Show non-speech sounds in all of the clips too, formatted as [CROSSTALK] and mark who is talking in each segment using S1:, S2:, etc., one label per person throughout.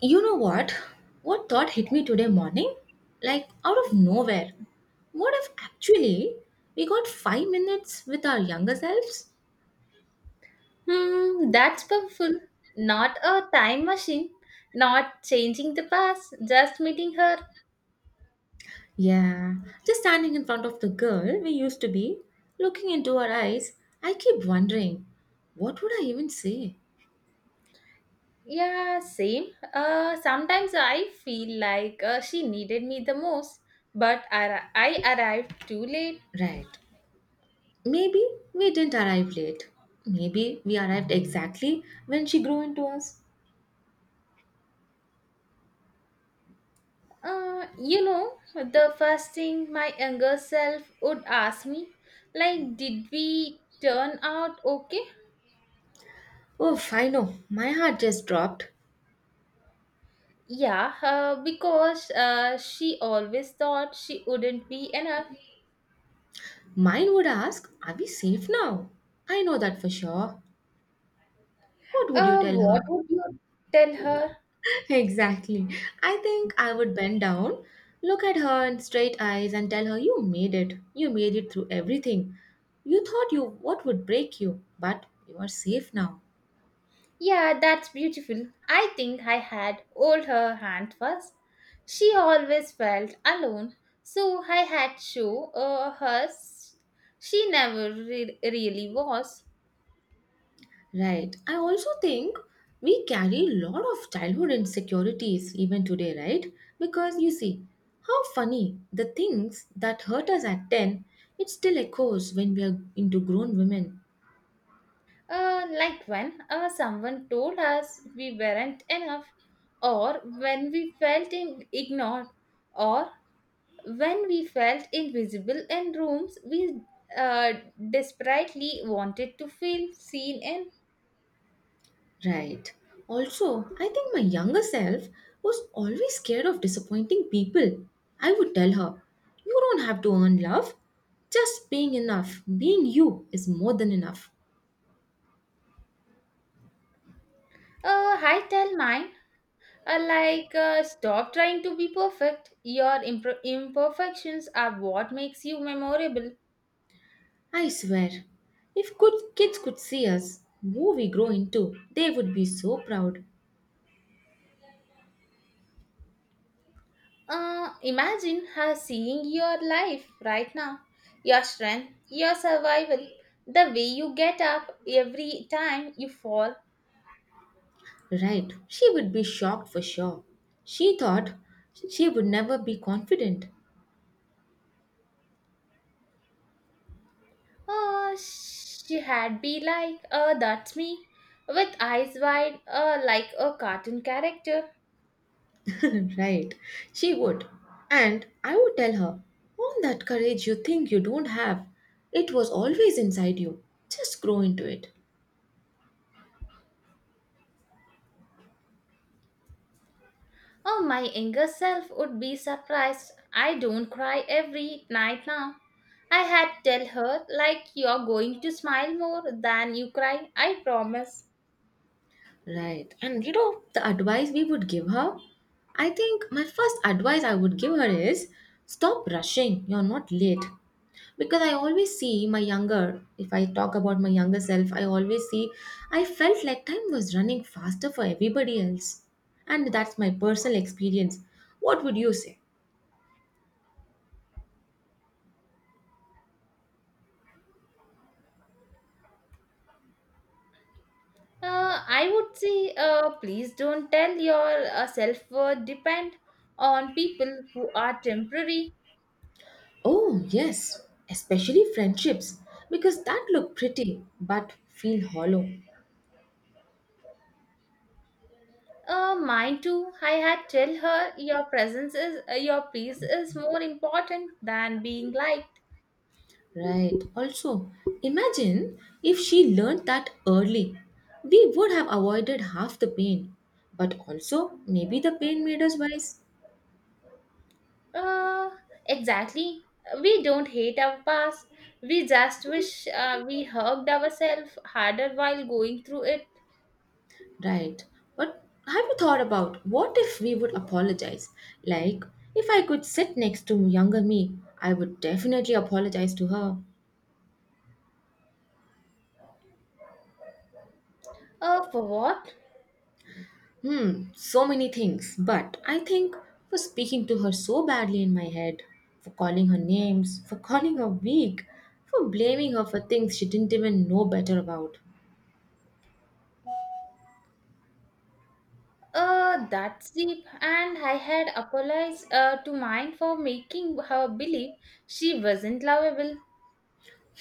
S1: You know what? What thought hit me today morning? Like out of nowhere. What if actually we got 5 minutes with our younger selves?
S2: Hmm, that's powerful. Not a time machine, not changing the past, just meeting her.
S1: Yeah, just standing in front of the girl we used to be, looking into her eyes, I keep wondering, what would I even say?
S2: Yeah, same. Sometimes I feel like she needed me the most, but I arrived too late.
S1: Right. Maybe we didn't arrive late. Maybe we arrived exactly when she grew into us.
S2: The first thing my younger self would ask me, like, did we turn out okay?
S1: Oh, I know. My heart just dropped.
S2: Yeah, because she always thought she wouldn't be enough.
S1: Mine would ask, Are we safe now? I know that for sure. What would you tell
S2: What
S1: her?
S2: would you tell her?
S1: [LAUGHS] Exactly. I think I would bend down, look at her in straight eyes, and tell her, You made it. You made it through everything. You thought you what would break you, but you are safe now.
S2: Yeah, that's beautiful. I think I had hold her hand first. She always felt alone, so I had show she never really was.
S1: Right. I also think we carry a lot of childhood insecurities even today, right? Because you see, how funny the things that hurt us at 10, it still echoes when we are into grown women.
S2: Like when someone told us we weren't enough, or when we felt ignored, or when we felt invisible in rooms we uh, desperately wanted to feel seen in.
S1: Right. Also, I think my younger self was always scared of disappointing people. I would tell her, You don't have to earn love. Just being enough, being you is more than enough.
S2: I tell mine, stop trying to be perfect. Your imperfections are what makes you memorable.
S1: I swear, if good kids could see us, who we grow into, they would be so proud.
S2: Imagine her seeing your life right now, your strength, your survival, the way you get up every time you fall.
S1: Right, she would be shocked for sure. She thought she would never be confident.
S2: She had be like, that's me, with eyes wide, like a cartoon character.
S1: [LAUGHS] Right, she would. And I would tell her, all that courage you think you don't have, it was always inside you. Just grow into it.
S2: Oh, my younger self would be surprised. I don't cry every night now. I had tell her like you're going to smile more than you cry. I promise.
S1: Right, and you know, the advice we would give her, I think my first advice I would give her is stop rushing, you're not late. Because I always see my younger if I talk about my younger self, I always see I felt like time was running faster for everybody else, and that's my personal experience. What would you say?
S2: I would say, please don't tell your self worth depend on people who are temporary.
S1: Oh yes, especially friendships, because that look pretty but feel hollow.
S2: Mine too. I had tell her your presence is your peace is more important than being liked.
S1: Right, also, imagine if she learned that early, we would have avoided half the pain, but also maybe the pain made us wise.
S2: Uh, exactly. We don't hate our past. We just wish we hugged ourselves harder while going through it.
S1: Right. But have you thought about what if we would apologize? Like, if I could sit next to younger me, I would definitely apologize to her.
S2: For what?
S1: Hmm, so many things. But I think for speaking to her so badly in my head, for calling her names, for calling her weak, for blaming her for things she didn't even know better about.
S2: That's deep. And I had apologized to mine for making her believe she wasn't lovable.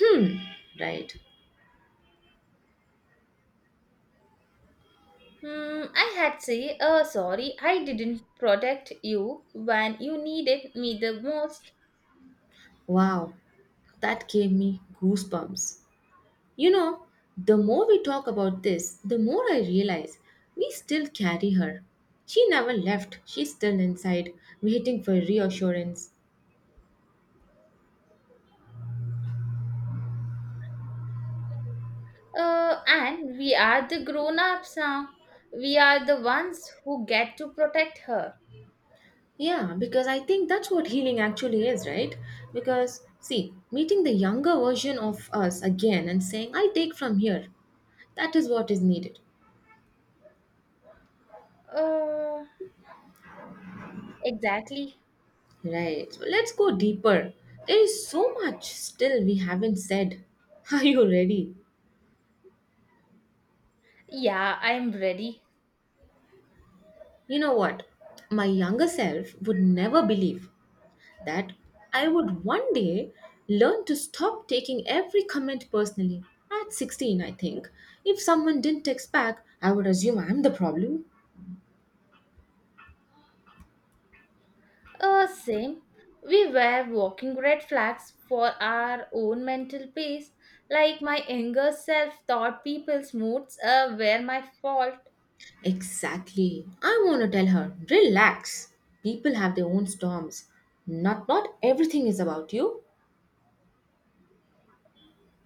S1: Hmm, right.
S2: Hmm, I had say, sorry, I didn't protect you when you needed me the most.
S1: Wow, that gave me goosebumps. You know, the more we talk about this, the more I realize we still carry her. She never left, she's still inside, waiting for reassurance.
S2: And we are the grown-ups now. We are the ones who get to protect her.
S1: Yeah, because I think that's what healing actually is, right? Because, see, meeting the younger version of us again and saying, I take from here, that is what is needed.
S2: Uh, exactly.
S1: Right, so let's go deeper. There is so much still we haven't said. [LAUGHS] Are you ready?
S2: Yeah, I'm ready.
S1: You know what? My younger self would never believe that I would one day learn to stop taking every comment personally. At 16, I think. If someone didn't text back, I would assume I'm the problem.
S2: Same. We were walking red flags for our own mental peace. Like my younger self thought people's moods were my fault.
S1: Exactly. I want to tell her, relax. People have their own storms. Not everything is about you. [LAUGHS]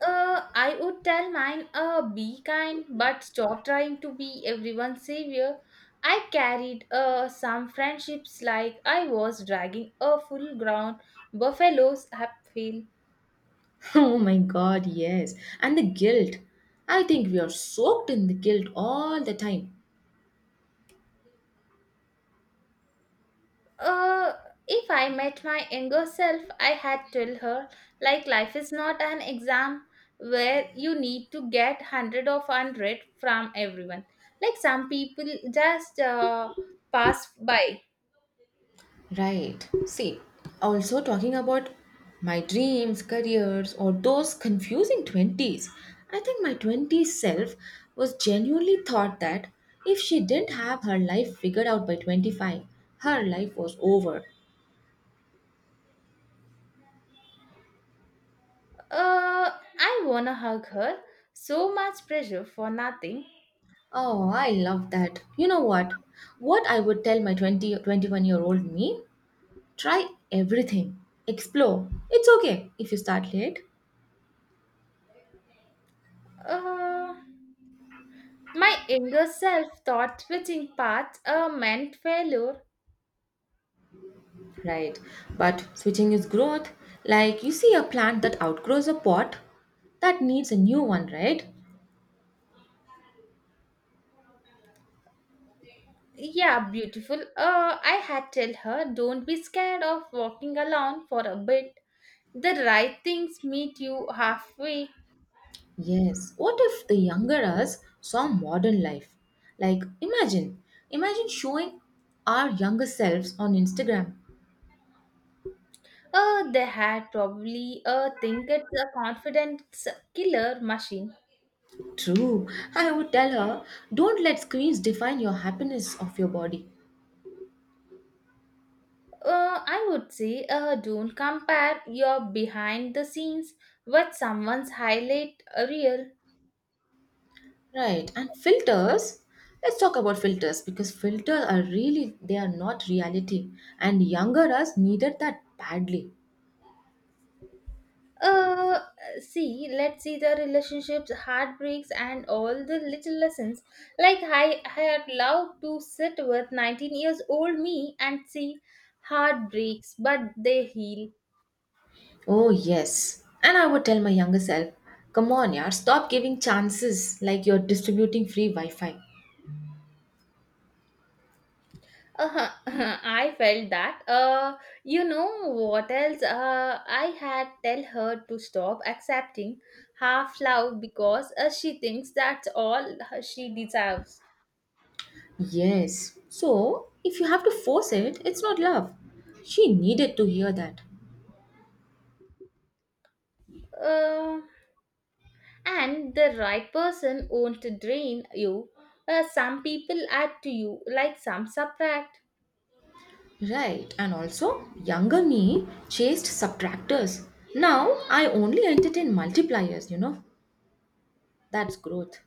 S2: I would tell mine, be kind, but stop trying to be everyone's savior. I carried some friendships like I was dragging a full ground buffalo's uphill.
S1: Oh my god, yes. And the guilt. I think we are soaked in the guilt all the time.
S2: Uh, if I met my younger self, I had told her, like, life is not an exam where you need to get 100 of 100 from everyone. Like, some people just pass by.
S1: Right. See, also talking about my dreams, careers, or those confusing 20s, I think my 20s self was genuinely thought that if she didn't have her life figured out by 25, her life was over.
S2: Uh, I wanna hug her. So much pressure for nothing.
S1: Oh, I love that. You know what? What I would tell my 2021 year old me? Try everything. Explore. It's okay if you start late.
S2: Uh, my younger self thought switching paths meant failure.
S1: Right. But switching is growth. Like you see a plant that outgrows a pot that needs a new one, right?
S2: Yeah, beautiful. I had tell her, don't be scared of walking alone for a bit. The right things meet you halfway.
S1: Yes. What if the younger us saw modern life? Like imagine, imagine showing our younger selves on Instagram.
S2: They had probably think it's a confidence killer machine.
S1: True. I would tell her, don't let screens define your happiness of your body.
S2: I would say don't compare your behind the scenes with someone's highlight reel.
S1: Right. And filters. Let's talk about filters because filters are really they are not reality, and younger us needed that badly.
S2: Uh, See, let's see the relationships, heartbreaks, and all the little lessons. Like I had loved to sit with 19 years old me and see heartbreaks, but they heal.
S1: Oh, yes. And I would tell my younger self, come on, yaar, stop giving chances like you're distributing free Wi Fi.
S2: Uh-huh. [LAUGHS] I felt that. You know what else? I had tell her to stop accepting half love because she thinks that's all she deserves.
S1: Yes. So, if you have to force it, it's not love. She needed to hear that.
S2: Uh, and the right person won't drain you. Some people add to you, like some subtract.
S1: Right. And also, younger me chased subtractors. Now, I only entertain multipliers, you know. That's growth.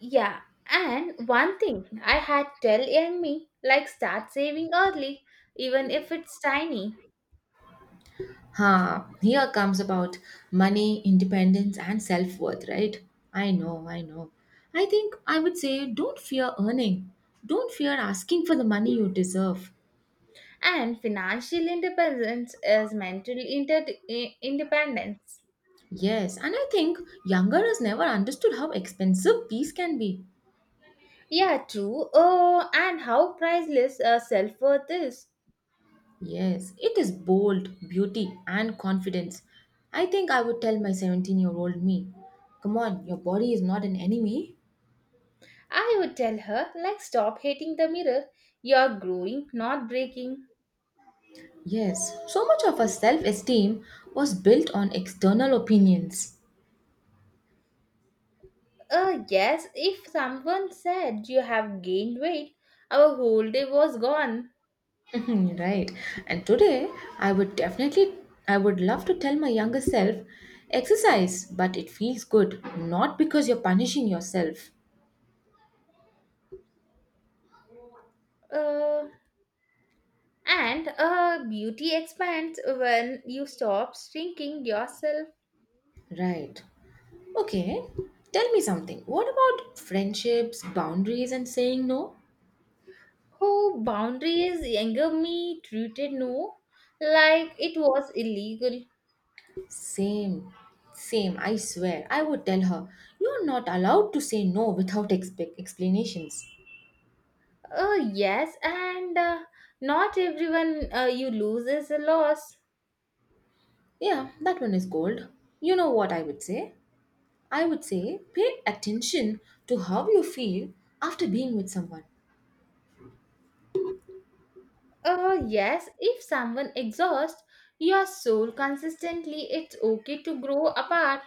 S2: Yeah, and one thing I had tell young me, like start saving early, even if it's tiny.
S1: Ha, here comes about money, independence, and self worth, right? I know, I know. I think I would say don't fear earning. Don't fear asking for the money you deserve.
S2: And financial independence is mental independence.
S1: Yes, and I think younger has never understood how expensive peace can be.
S2: Yeah, true. Oh, and how priceless self worth is.
S1: Yes, it is bold, beauty, and confidence. I think I would tell my 17-year-old me, come on, your body is not an enemy.
S2: I would tell her, like, stop hating the mirror. You're growing, not breaking.
S1: Yes, so much of our self esteem was built on external opinions.
S2: Yes, if someone said you have gained weight, our whole day was gone.
S1: Mhm, right. And today, I would definitely, I would love to tell my younger self, exercise, but it feels good, not because you're punishing yourself.
S2: Uh, and Beauty expands when you stop shrinking yourself.
S1: Right. Okay. Tell me something. What about friendships, boundaries, and saying no?
S2: Who boundaries? Younger me treated no like it was illegal.
S1: Same. Same. I swear. I would tell her, you're not allowed to say no without explanations.
S2: Yes, and not everyone you lose is a loss.
S1: Yeah, that one is gold. You know what I would say? I would say pay attention to how you feel after being with someone.
S2: Yes, if someone exhausts your soul consistently, it's okay to grow apart.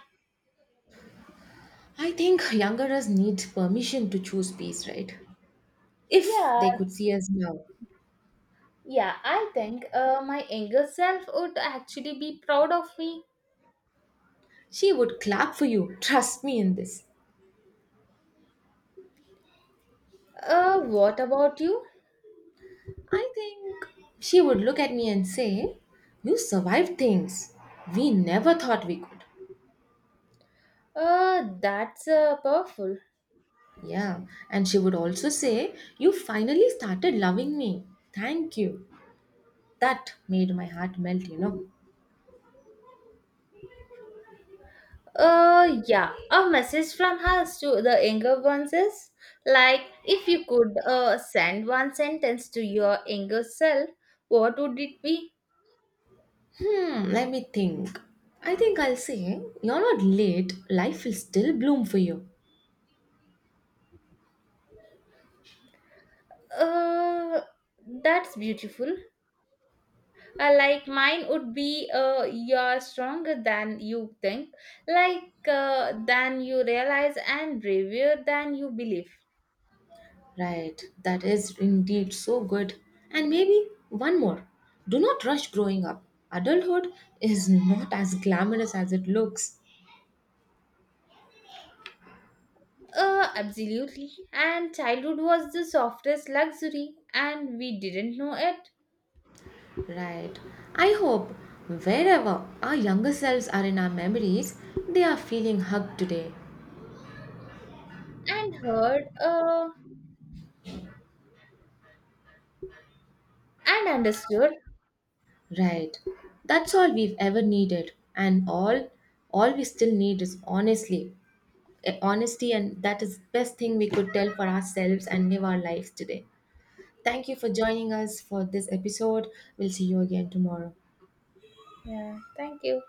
S1: I think youngerers need permission to choose peace, right? If
S2: Yeah.
S1: they could see us now,
S2: Yeah, I think my younger self would actually be proud of me.
S1: she would clap for you. Trust me in this.
S2: What about you?
S1: I think she would look at me and say, You survived things we never thought we could.
S2: That's powerful.
S1: Yeah, and she would also say, You finally started loving me. Thank you. That made my heart melt, you know.
S2: Yeah, a message from us to the younger ones is like if you could send one sentence to your younger self, what would it be?
S1: Hmm, let me think. I think I'll say, You're not late, life will still bloom for you.
S2: Uh, that's beautiful. Like mine would be you're stronger than you think, like than you realize, and braver than you believe.
S1: Right, that is indeed so good. And maybe one more. Do not rush growing up. Adulthood is not as glamorous as it looks.
S2: Absolutely. And childhood was the softest luxury, and we didn't know it.
S1: Right. I hope wherever our younger selves are in our memories, they are feeling hugged today.
S2: And heard, and understood.
S1: Right. That's all we've ever needed. And all we still need is honestly honesty, and that is best thing we could tell for ourselves and live our lives today. Thank you for joining us for this episode. We'll see you again tomorrow.
S2: Yeah. Thank you.